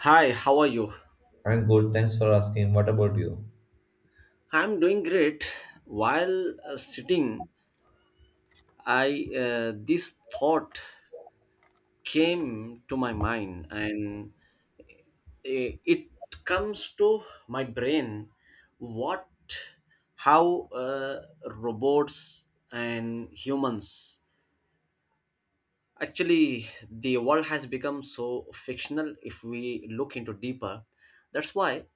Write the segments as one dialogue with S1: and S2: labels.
S1: Hi, how are you?
S2: I'm good, thanks for asking. What about you?
S1: I'm doing great. While sitting, I This thought came to my mind, and it comes to my brain. What, how robots and humans Actually, the world has become so fictional if we look into deeper. That's why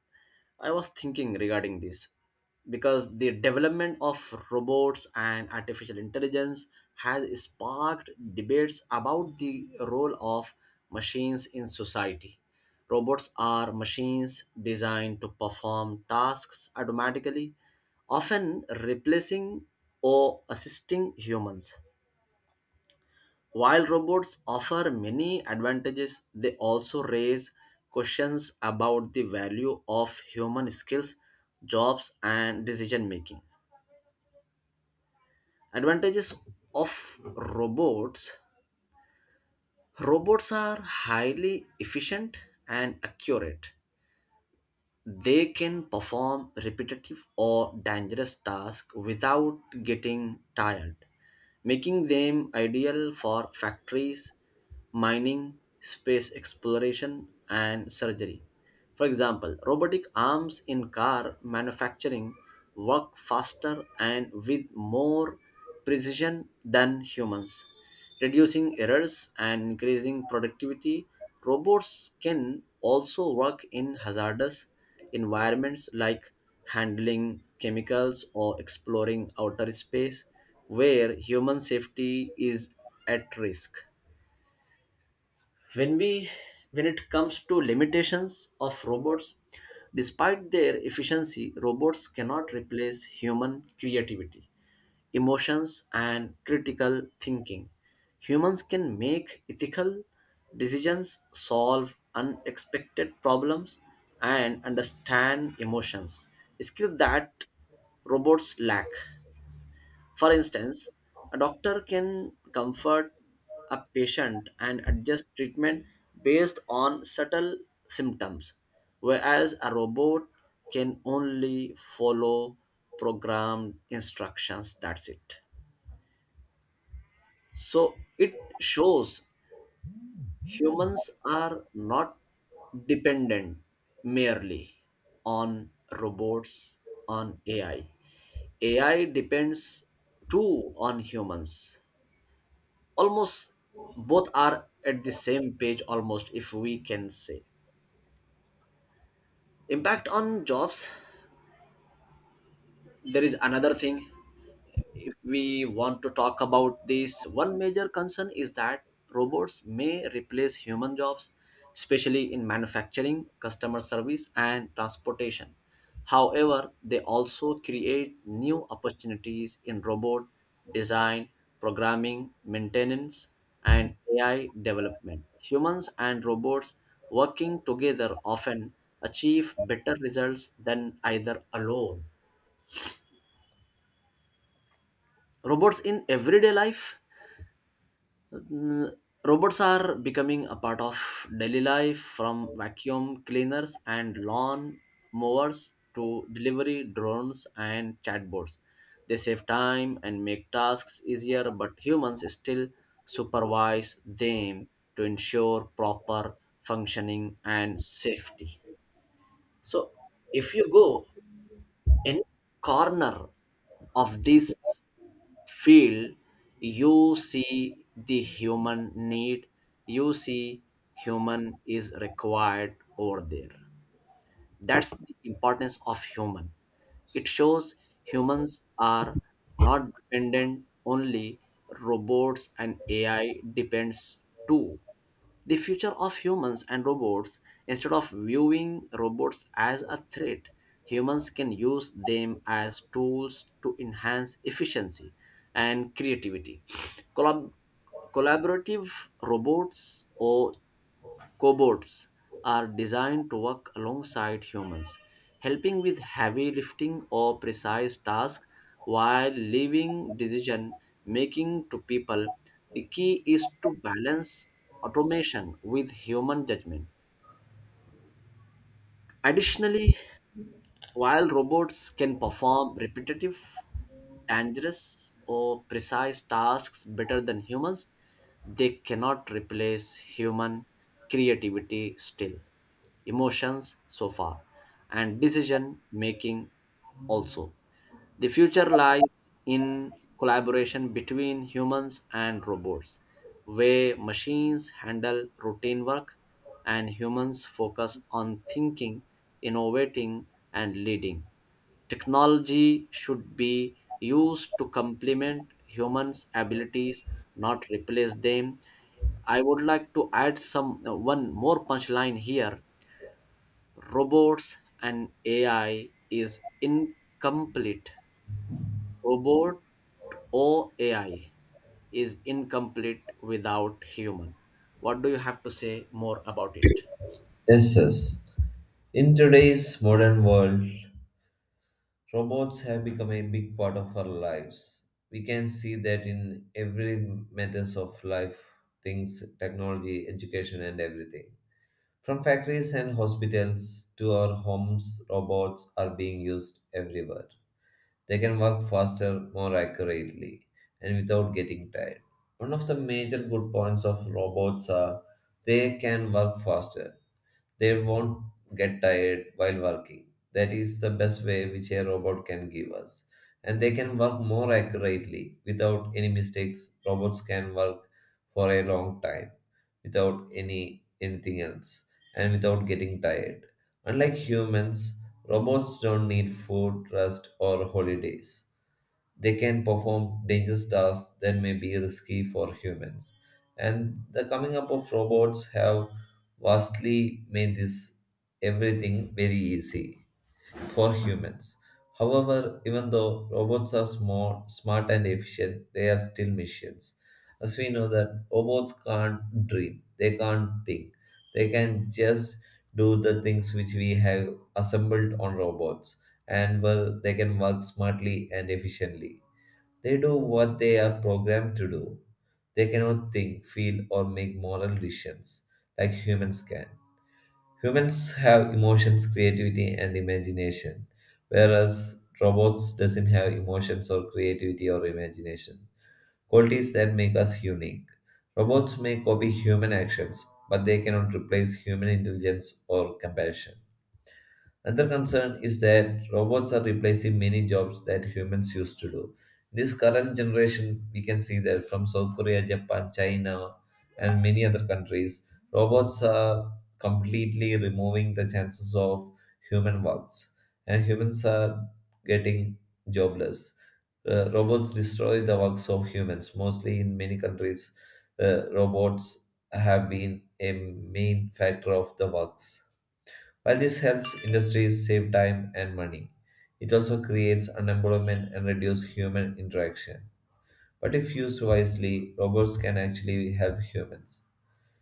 S1: I was thinking regarding this, because the development of robots and artificial intelligence has sparked debates about the role of machines in society. Robots are machines designed to perform tasks automatically, often replacing or assisting humans. While robots offer many advantages, they also raise questions about the value of human skills, jobs, and decision making. Advantages of robots. Robots are highly efficient and accurate. They can perform repetitive or dangerous tasks without getting tired, making them ideal for factories, mining, space exploration, and surgery. For example, robotic arms in car manufacturing work faster and with more precision than humans, reducing errors and increasing productivity. Robots can also work in hazardous environments, like handling chemicals or exploring outer space, where human safety is at risk. When we when it comes to limitations of robots, despite their efficiency, robots cannot replace human creativity, emotions, and critical thinking. Humans can make ethical decisions, solve unexpected problems, and understand emotions, skills that robots lack. For instance, a doctor can comfort a patient and adjust treatment based on subtle symptoms, whereas a robot can only follow programmed instructions. That's it. So it shows humans are not dependent merely on robots, on AI. AI depends too on humans. Almost both are at the same page, almost, if we can say. Impact on jobs. There is another thing, if we want to talk about this, one major concern is that robots may replace human jobs, especially in manufacturing, customer service, and transportation. However, they also create new opportunities in robot design, programming, maintenance, and AI development. Humans and robots working together often achieve better results than either alone. Robots in everyday life. Mm, Robots are becoming a part of daily life, from vacuum cleaners and lawn mowers to delivery drones and chatbots. They save time and make tasks easier, but humans still supervise them to ensure proper functioning and safety. So, if you go any corner of this field, you see the human need, you see human is required over there. That's the importance of human. It shows humans are not dependent only robots and ai depends too. The future of humans and robots. Instead of viewing robots as a threat, humans can use them as tools to enhance efficiency and creativity. Collab- Collaborative robots, or Cobots, are designed to work alongside humans, helping with heavy lifting or precise tasks while leaving decision making to people. The key is to balance automation with human judgment. Additionally, while robots can perform repetitive, dangerous, or precise tasks better than humans, they cannot replace human creativity still, emotions so far, and decision making also. The future lies in collaboration between humans and robots, where machines handle routine work and humans focus on thinking, innovating, and leading. Technology should be used to complement humans' abilities, not replace them. I would like to add some one more punchline here. Robots and AI is incomplete. Robot or AI is incomplete without human. What do you have to say more about it?
S2: Yes, yes. In today's modern world, robots have become a big part of our lives. We can see that in every matters of life, things, technology, education, and everything. From factories and hospitals to our homes, robots are being used everywhere. They can work faster, more accurately, and without getting tired. One of the major good points of robots are they can work faster. They won't get tired while working. That is the best way which a robot can give us. And they can work more accurately without any mistakes. Robots can work for a long time without any anything else and without getting tired. Unlike humans, robots don't need food, rest, or holidays. They can perform dangerous tasks that may be risky for humans. And the coming up of robots have vastly made this everything very easy for humans. However, even though robots are smart and efficient, they are still machines. As we know that robots can't dream, they can't think. They can just do the things which we have assembled on robots, and well, they can work smartly and efficiently. They do what they are programmed to do. They cannot think, feel, or make moral decisions like humans can. Humans have emotions, creativity, and imagination, whereas robots doesn't have emotions or creativity or imagination. Qualities that make us unique. Robots may copy human actions, but they cannot replace human intelligence or compassion. Another concern is that robots are replacing many jobs that humans used to do. In this current generation, we can see that from South Korea, Japan, China, and many other countries, robots are completely removing the chances of human works, and humans are getting jobless. Robots destroy the works of humans. Mostly in many countries, robots have been a main factor of the works. While this helps industries save time and money, it also creates unemployment and reduces human interaction. But if used wisely, robots can actually help humans.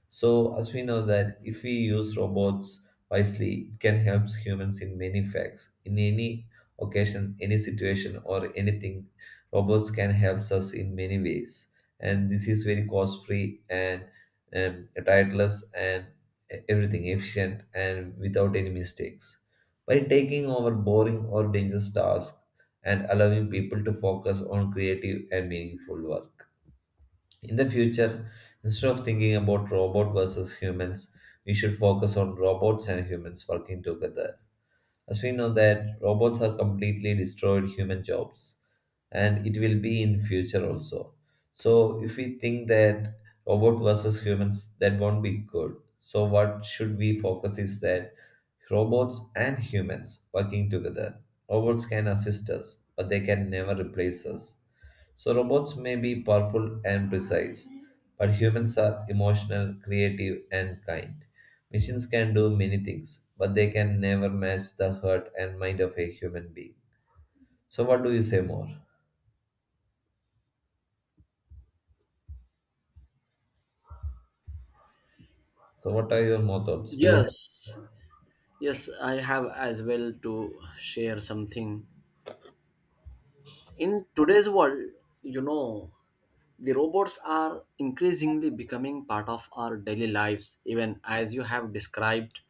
S2: So, as we know that if we use robots wisely, it can help humans in many facts. In any occasion, any situation, or anything, robots can help us in many ways. And this is very cost free and titleless and everything efficient and without any mistakes. By taking over boring or dangerous tasks and allowing people to focus on creative and meaningful work. In the future, instead of thinking about robot versus humans, we should focus on robots and humans working together. As we know that robots are completely destroyed human jobs, and it will be in future also. So if we think that robot versus humans, that won't be good. So what should we focus is that robots and humans working together. Robots can assist us, but they can never replace us. So, robots may be powerful and precise, but humans are emotional, creative, and kind. Machines can do many things, but they can never match the heart and mind of a human being. So, what do you say more? So, what are your more thoughts? Do you —
S1: Yes, yes, I have as well to share something. In today's world, you know, the robots are increasingly becoming part of our daily lives, even as you have described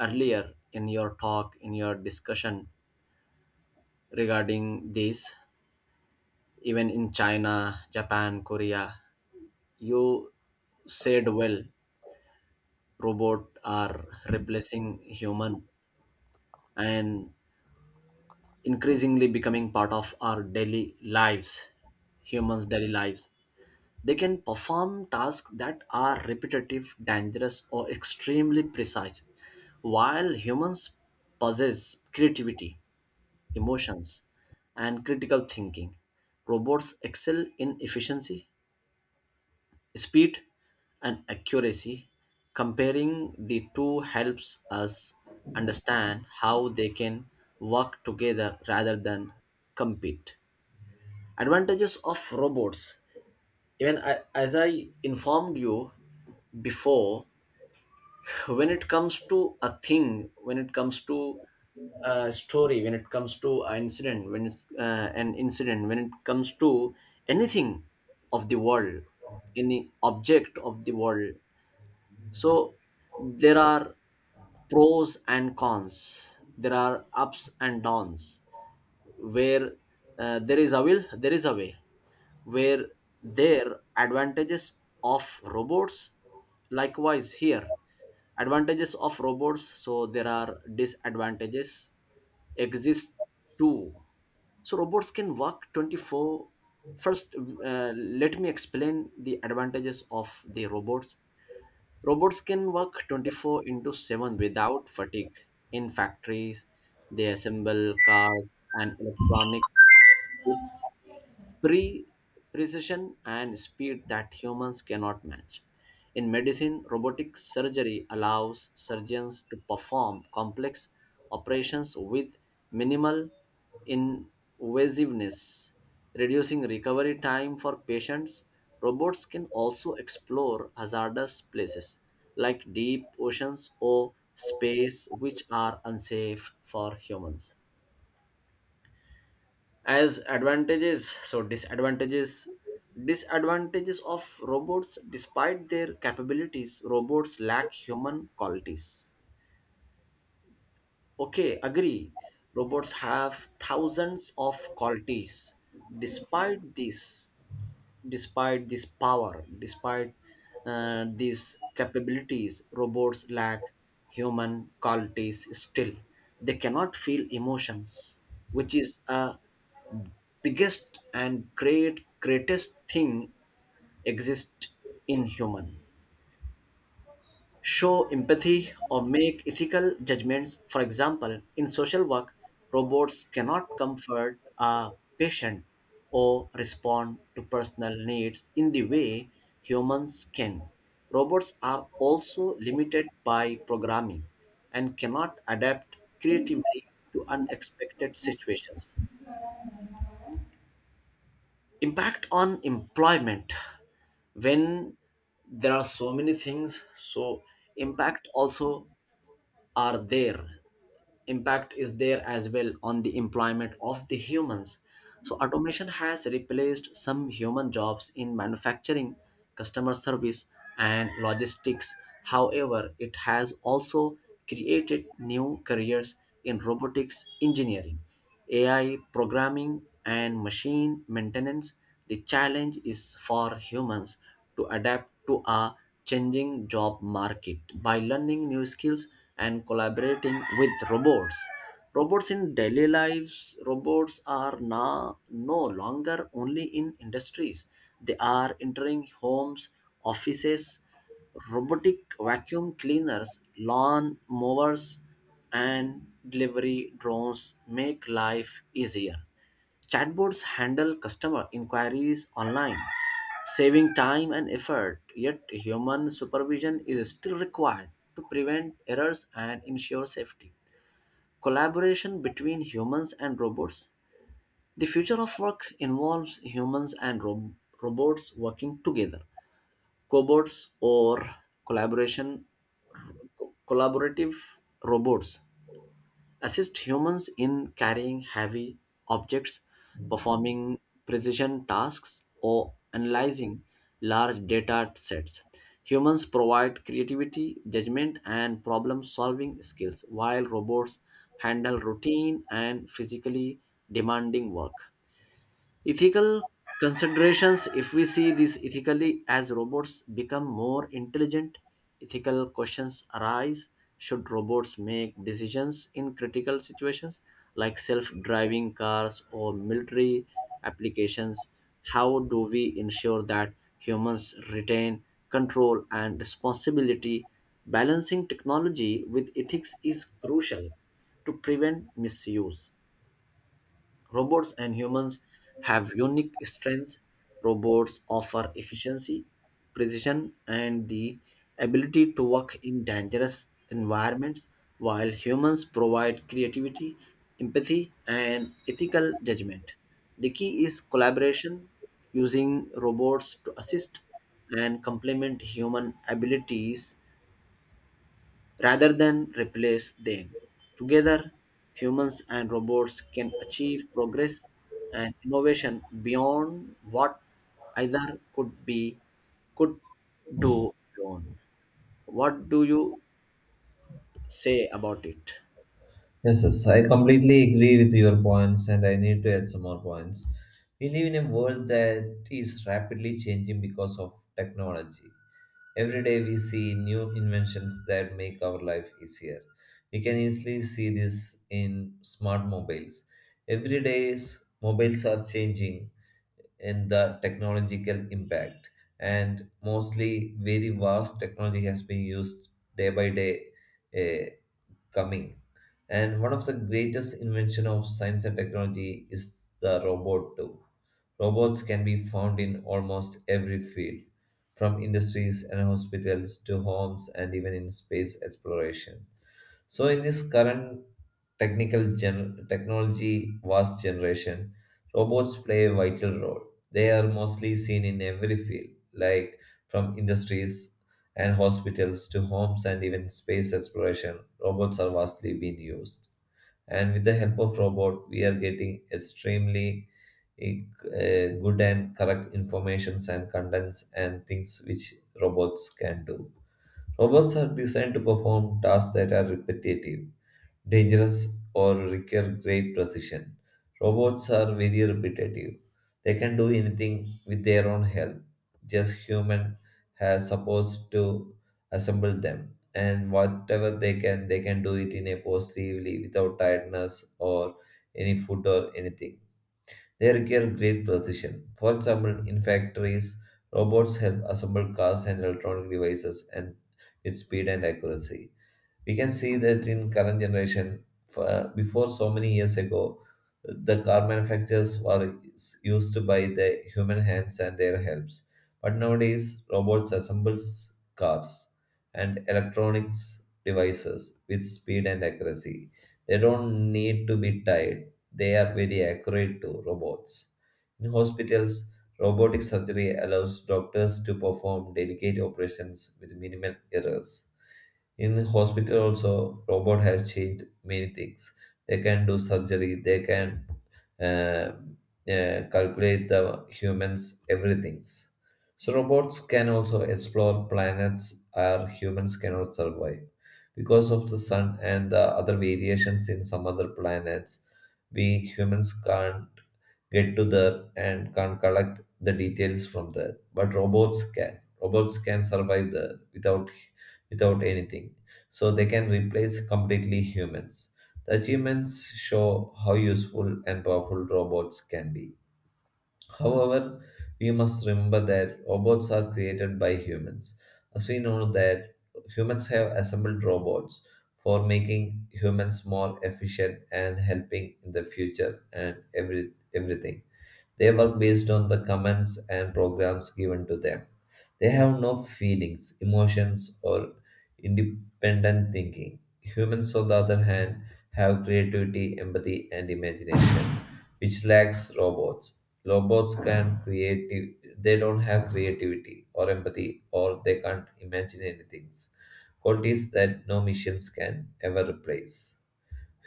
S1: earlier in your talk, in your discussion regarding this, even in China, Japan, Korea, you said well robot are replacing human and increasingly becoming part of our daily lives, humans daily lives. They can perform tasks that are repetitive, dangerous, or extremely precise, while humans possess creativity, emotions, and critical thinking. Robots excel in efficiency, speed, and accuracy. Comparing the two helps us understand how they can work together rather than compete. Advantages of robots. Even I, as I informed you before, when it comes to a thing, when it comes to a story, when it comes to an incident, when it's an incident, when it comes to anything of the world, any object of the world, so there are pros and cons, there are ups and downs. Where there is a will there is a way, where there advantages of robots, likewise here advantages of robots, so there are disadvantages exist too. So robots can work 24, first let me explain the advantages of the robots. Robots can work 24/7 without fatigue. In factories, they assemble cars and electronics, pre precision and speed that humans cannot match. In medicine, robotic surgery allows surgeons to perform complex operations with minimal invasiveness, reducing recovery time for patients. Robots can also explore hazardous places like deep oceans or space, which are unsafe for humans. As advantages so disadvantages, disadvantages of robots, despite their capabilities robots lack human qualities. Okay, agree, robots have thousands of qualities. Despite this, despite this power, despite these capabilities, robots lack human qualities still. They cannot feel emotions, which is a biggest and greatest thing exist in human, show empathy or make ethical judgments. For example, in social work, robots cannot comfort a patient or respond to personal needs in the way humans can. Robots are also limited by programming and cannot adapt creatively to unexpected situations. Impact on employment. When there are so many things, so impact also are there, impact is there as well on the employment of the humans. So automation has replaced some human jobs in manufacturing, customer service, and logistics. However, it has also created new careers in robotics engineering, AI programming, and machine maintenance. The challenge is for humans to adapt to a changing job market by learning new skills and collaborating with robots. Robots in daily lives. Robots are now no longer only in industries. They are entering homes, offices, robotic vacuum cleaners, lawn mowers, and delivery drones make life easier. Chatbots handle customer inquiries online, saving time and effort. Yet, human supervision is still required to prevent errors and ensure safety. Collaboration between humans and robots. The future of work involves humans and robots working together. Cobots, or collaboration collaborative robots, assist humans in carrying heavy objects, performing precision tasks, or analyzing large data sets. Humans provide creativity, judgment, and problem solving skills, while robots handle routine and physically demanding work. Ethical considerations, if we see this ethically, as robots become more intelligent, ethical questions arise. Should robots make decisions in critical situations like self-driving cars or military applications? How do we ensure that humans retain control and responsibility? Balancing technology with ethics is crucial to prevent misuse. Robots and humans have unique strengths. Robots offer efficiency, precision, and the ability to work in dangerous environments, while humans provide creativity, empathy, and ethical judgment. The key is collaboration, using robots to assist and complement human abilities rather than replace them. Together, humans and robots can achieve progress and innovation beyond what either could be could do alone. What do you say about it?
S2: yes, yes, I completely agree with your points, and I need to add some more points. We live in a world that is rapidly changing because of technology. Every day we see new inventions that make our life easier. We can easily see this in smart mobiles. Every day's mobiles are changing in the technological impact, and mostly very vast technology has been used day by day, eh, coming. And one of the greatest invention of science and technology is the robot too. Robots can be found in almost every field, from industries and hospitals to homes and even in space exploration. So in this current technology vast generation, robots play a vital role. They are mostly seen in every field, like from industries and hospitals to homes and even space exploration. Robots are vastly being used, and with the help of robot we are getting extremely eh, good and correct informations and contents and things which robots can do. Robots are designed to perform tasks that are repetitive, dangerous, or require great precision. Robots are very repetitive. They can do anything with their own help. Just human has supposed to assemble them. And whatever they can do it in a positively without tiredness or any food or anything. They require great precision. For example, in factories, robots help assemble cars and electronic devices and with speed and accuracy. We can see that in current generation, for, before so many years ago, the car manufacturers were used by the human hands and their helps, but nowadays robots assembles cars and electronics devices with speed and accuracy. They don't need to be tied. They are very accurate to robots. In hospitals, robotic surgery allows doctors to perform delicate operations with minimal errors. In hospital also, robot has changed many things. They can do surgery. They can uh, calculate the humans everything. So robots can also explore planets where humans cannot survive because of the sun and the other variations in some other planets. We humans can't get to there and can't collect the details from there, but robots can. Robots can survive there without, without anything. So they can replace completely humans. The achievements show how useful and powerful robots can be. However, we must remember that robots are created by humans. As we know that humans have assembled robots for making humans more efficient and helping in the future and every everything. They work based on the commands and programs given to them. They have no feelings, emotions, or independent thinking. Humans, on the other hand, have creativity, empathy, and imagination, which lacks robots. Robots can creative, they don't have creativity or empathy, or they can't imagine anything. Qualities that no machines can ever replace.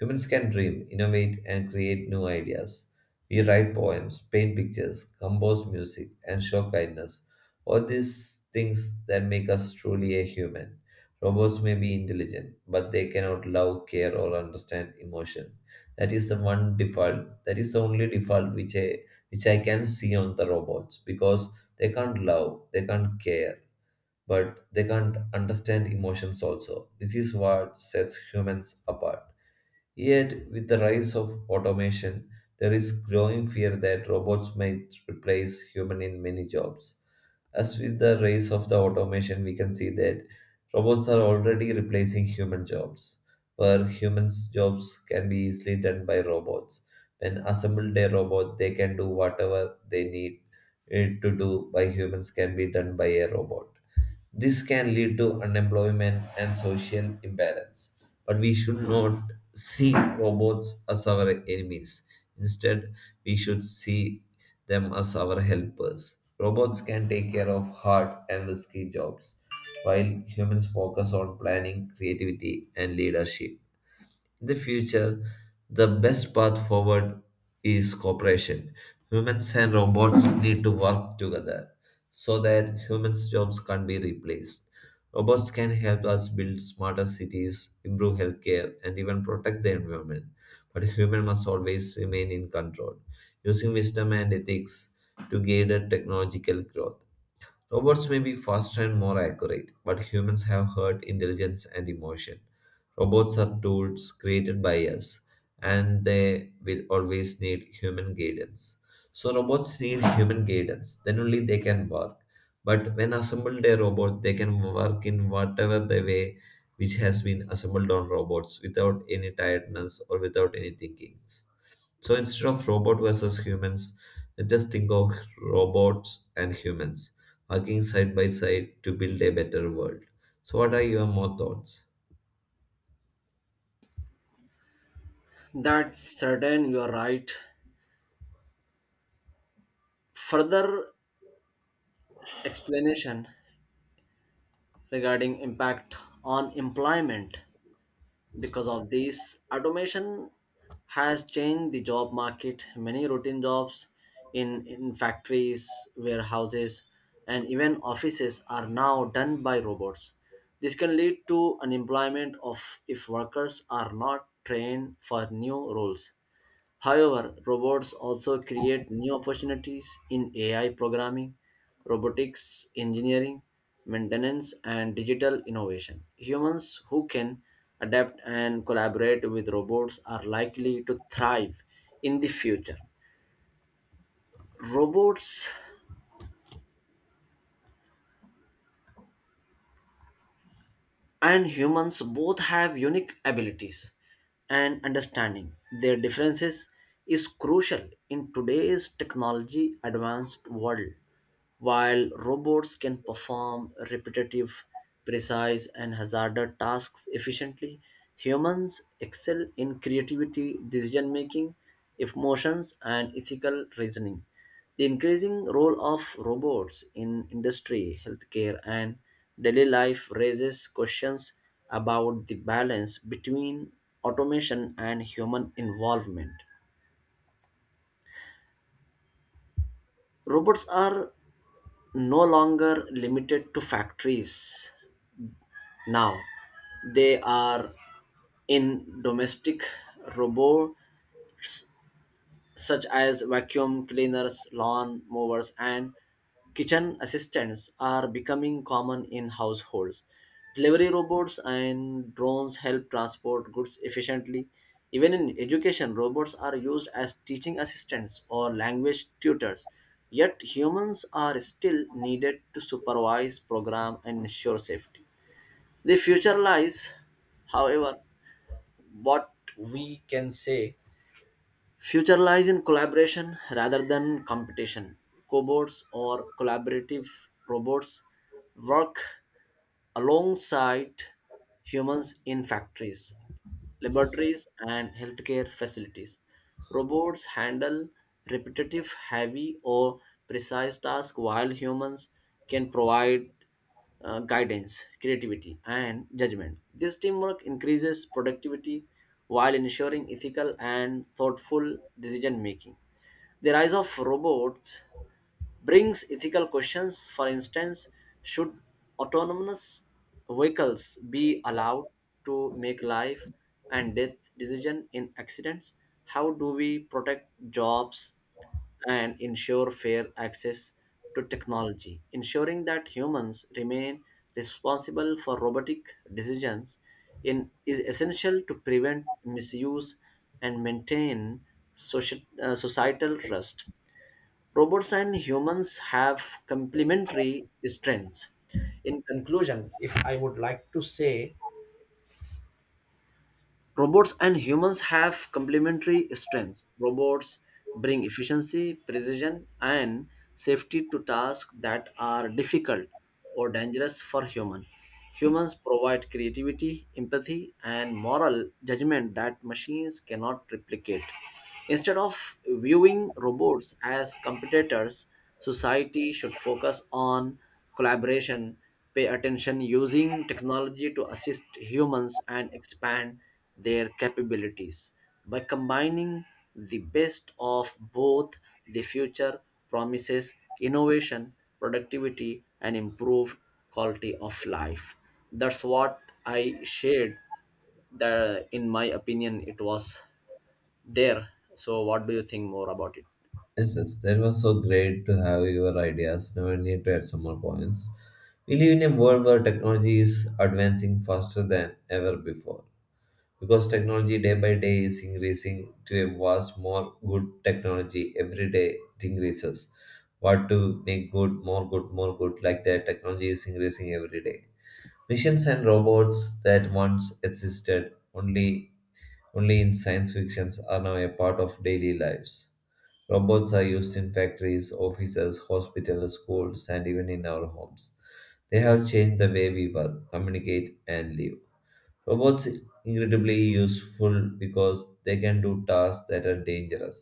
S2: Humans can dream, innovate, and create new ideas. We write poems, paint pictures, compose music, and show kindness. All these things that make us truly a human. Robots may be intelligent, but they cannot love, care, or understand emotion. That is the one default. That is the only default which I can see on the robots because they can't love, they can't care, but they can't understand emotions also. This is what sets humans apart. Yet, with the rise of automation, there is growing fear that robots might replace human in many jobs. As with the rise of the automation, we can see that robots are already replacing human jobs, where humans' jobs can be easily done by robots. When assembled a robot, they can do whatever they need it to do by humans can be done by a robot. This can lead to unemployment and social imbalance. But we should not see robots as our enemies. Instead, we should see them as our helpers. Robots can take care of hard and risky jobs, while humans focus on planning, creativity, and leadership. In the future, the best path forward is cooperation. Humans and robots need to work together so that humans' jobs can't be replaced. Robots can help us build smarter cities, improve healthcare, and even protect the environment. But human must always remain in control, using wisdom and ethics to guide our technological growth. Robots may be faster and more accurate, but humans have heart, intelligence, and emotion. Robots are tools created by us, and they will always need human guidance. So, robots need human guidance, then only they can work. But when assembled a robot, they can work in whatever the way which has been assembled on robots without any tiredness or without any thinking. So instead of robot versus humans, just think of robots and humans working side by side to build a better world. So, what are your more thoughts?
S1: That's certain, you are right. Further explanation regarding impact on employment. Because of this, automation has changed the job market. Many routine jobs in factories, warehouses, and even offices are now done by robots. This can lead to unemployment of if workers are not trained for new roles. However, robots also create new opportunities in AI programming, robotics engineering, maintenance, and digital innovation. Humans who can adapt and collaborate with robots are likely to thrive in the future. Robots and humans both have unique abilities, and understanding their differences is crucial in today's technology advanced world. While robots can perform repetitive, precise, and hazardous tasks efficiently, humans excel in creativity, decision making, emotions, and ethical reasoning. The increasing role of robots in industry, healthcare, and daily life raises questions about the balance between automation and human involvement. Robots are no longer limited to factories now. They are in domestic robot, such as vacuum cleaners, lawn mowers, and kitchen assistants, are becoming common in households. Delivery robots and drones help transport goods efficiently. Even in education, robots are used as teaching assistants or language tutors. Yet humans are still needed to supervise, program, and ensure safety. The future lies, however, what we can say, future lies in collaboration rather than competition. Cobots or collaborative robots work alongside humans in factories, laboratories, and healthcare facilities. Robots handle repetitive, heavy, or precise tasks while humans can provide guidance, creativity, and judgment. This teamwork increases productivity while ensuring ethical and thoughtful decision making. The rise of robots brings ethical questions. For instance, should autonomous vehicles be allowed to make life and death decision in accidents? How do we protect jobs and ensure fair access to technology, ensuring that humans remain responsible for robotic decisions, is essential to prevent misuse and maintain societal trust. Robots and humans have complementary strengths. In conclusion, if I would like to say, robots and humans have complementary strengths. Robots bring efficiency, precision, and safety to tasks that are difficult or dangerous for humans. Humans provide creativity, empathy, and moral judgment that machines cannot replicate. Instead of viewing robots as competitors, society should focus on collaboration, pay attention using technology to assist humans, and expand their capabilities. By combining the best of both, the future promises innovation, productivity, and improved quality of life. That's what I shared. The, in my opinion, it was there. So, what do you think more about it?
S2: Yes, yes, that was so great to have your ideas. Now I need to add some more points. We live in a world where technology is advancing faster than ever before. Because technology day by day is increasing to a vast more good technology, every day it increases. What to make good more good more good, like that technology is increasing every day. Machines and robots that once existed only in science fictions are now a part of daily lives. Robots are used in factories, offices, hospitals, schools, and even in our homes. They have changed the way we work, communicate, and live. Robots incredibly useful because they can do tasks that are dangerous,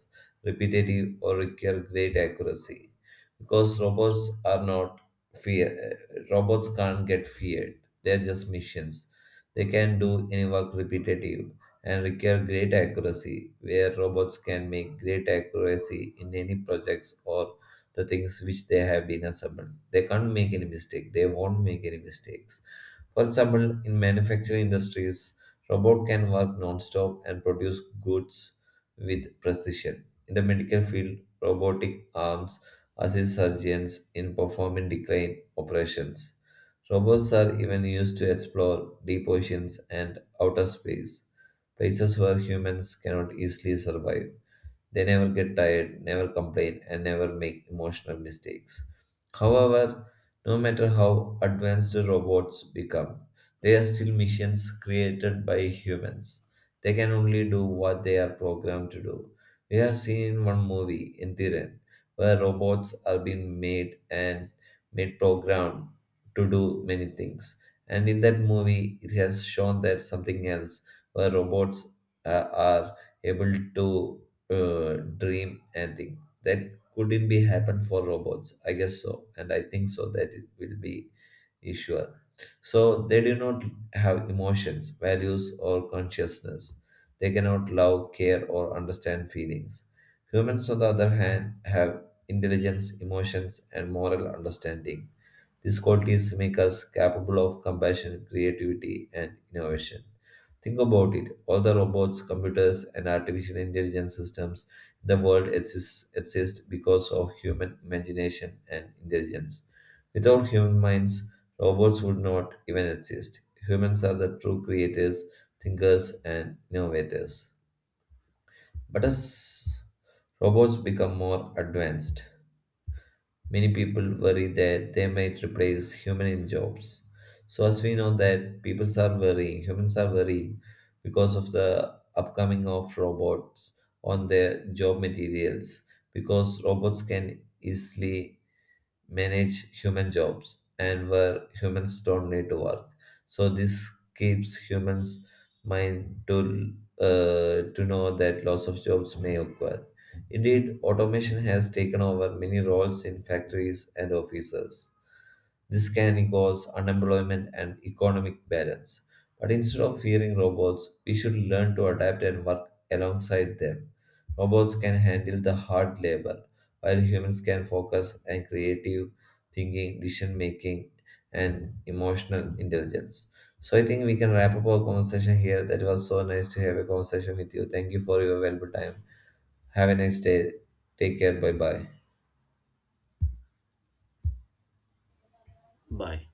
S2: repetitive, or require great accuracy. Because robots are not fear, robots can't get feared. They're just machines. They can do any work repetitive and require great accuracy, where robots can make great accuracy in any projects or the things which they have been assembled. They can't make any mistake. They won't make any mistakes. For example, in manufacturing industries, robot can work non-stop and produce goods with precision. In the medical field, robotic arms assist surgeons in performing decline operations. Robots are even used to explore deep oceans and outer space, places where humans cannot easily survive. They never get tired, never complain, and never make emotional mistakes. However, no matter how advanced robots become, they are still machines created by humans. They can only do what they are programmed to do. We have seen in one movie, in Thiren, where robots are being made and made programmed to do many things. And in that movie, it has shown that something else, where robots are able to dream and think. That couldn't be happen for robots, I guess so. And I think so that it will be is sure. So they do not have emotions, values, or consciousness. They cannot love, care, or understand feelings. Humans, on the other hand, have intelligence, emotions, and moral understanding. These qualities make us capable of compassion, creativity, and innovation. Think about it. All the robots, computers, and artificial intelligence systems in the world exist because of human imagination and intelligence. Without human minds, robots would not even exist. Humans are the true creators, thinkers, and innovators. But as robots become more advanced, many people worry that they might replace human in jobs. So as we know that people are worrying, humans are worrying because of the upcoming of robots on their job materials, because robots can easily manage human jobs and where humans don't need to work. So this keeps humans mind to, to know that loss of jobs may occur. Indeed, automation has taken over many roles in factories and offices. This can cause unemployment and economic balance. But instead of fearing robots, we should learn to adapt and work alongside them. Robots can handle the hard labor, while humans can focus on creative thinking, decision making, and emotional intelligence. So I think we can wrap up our conversation here. That was so nice to have a conversation with you. Thank you for your valuable time. Have a nice day. Take care. Bye bye.
S1: Bye.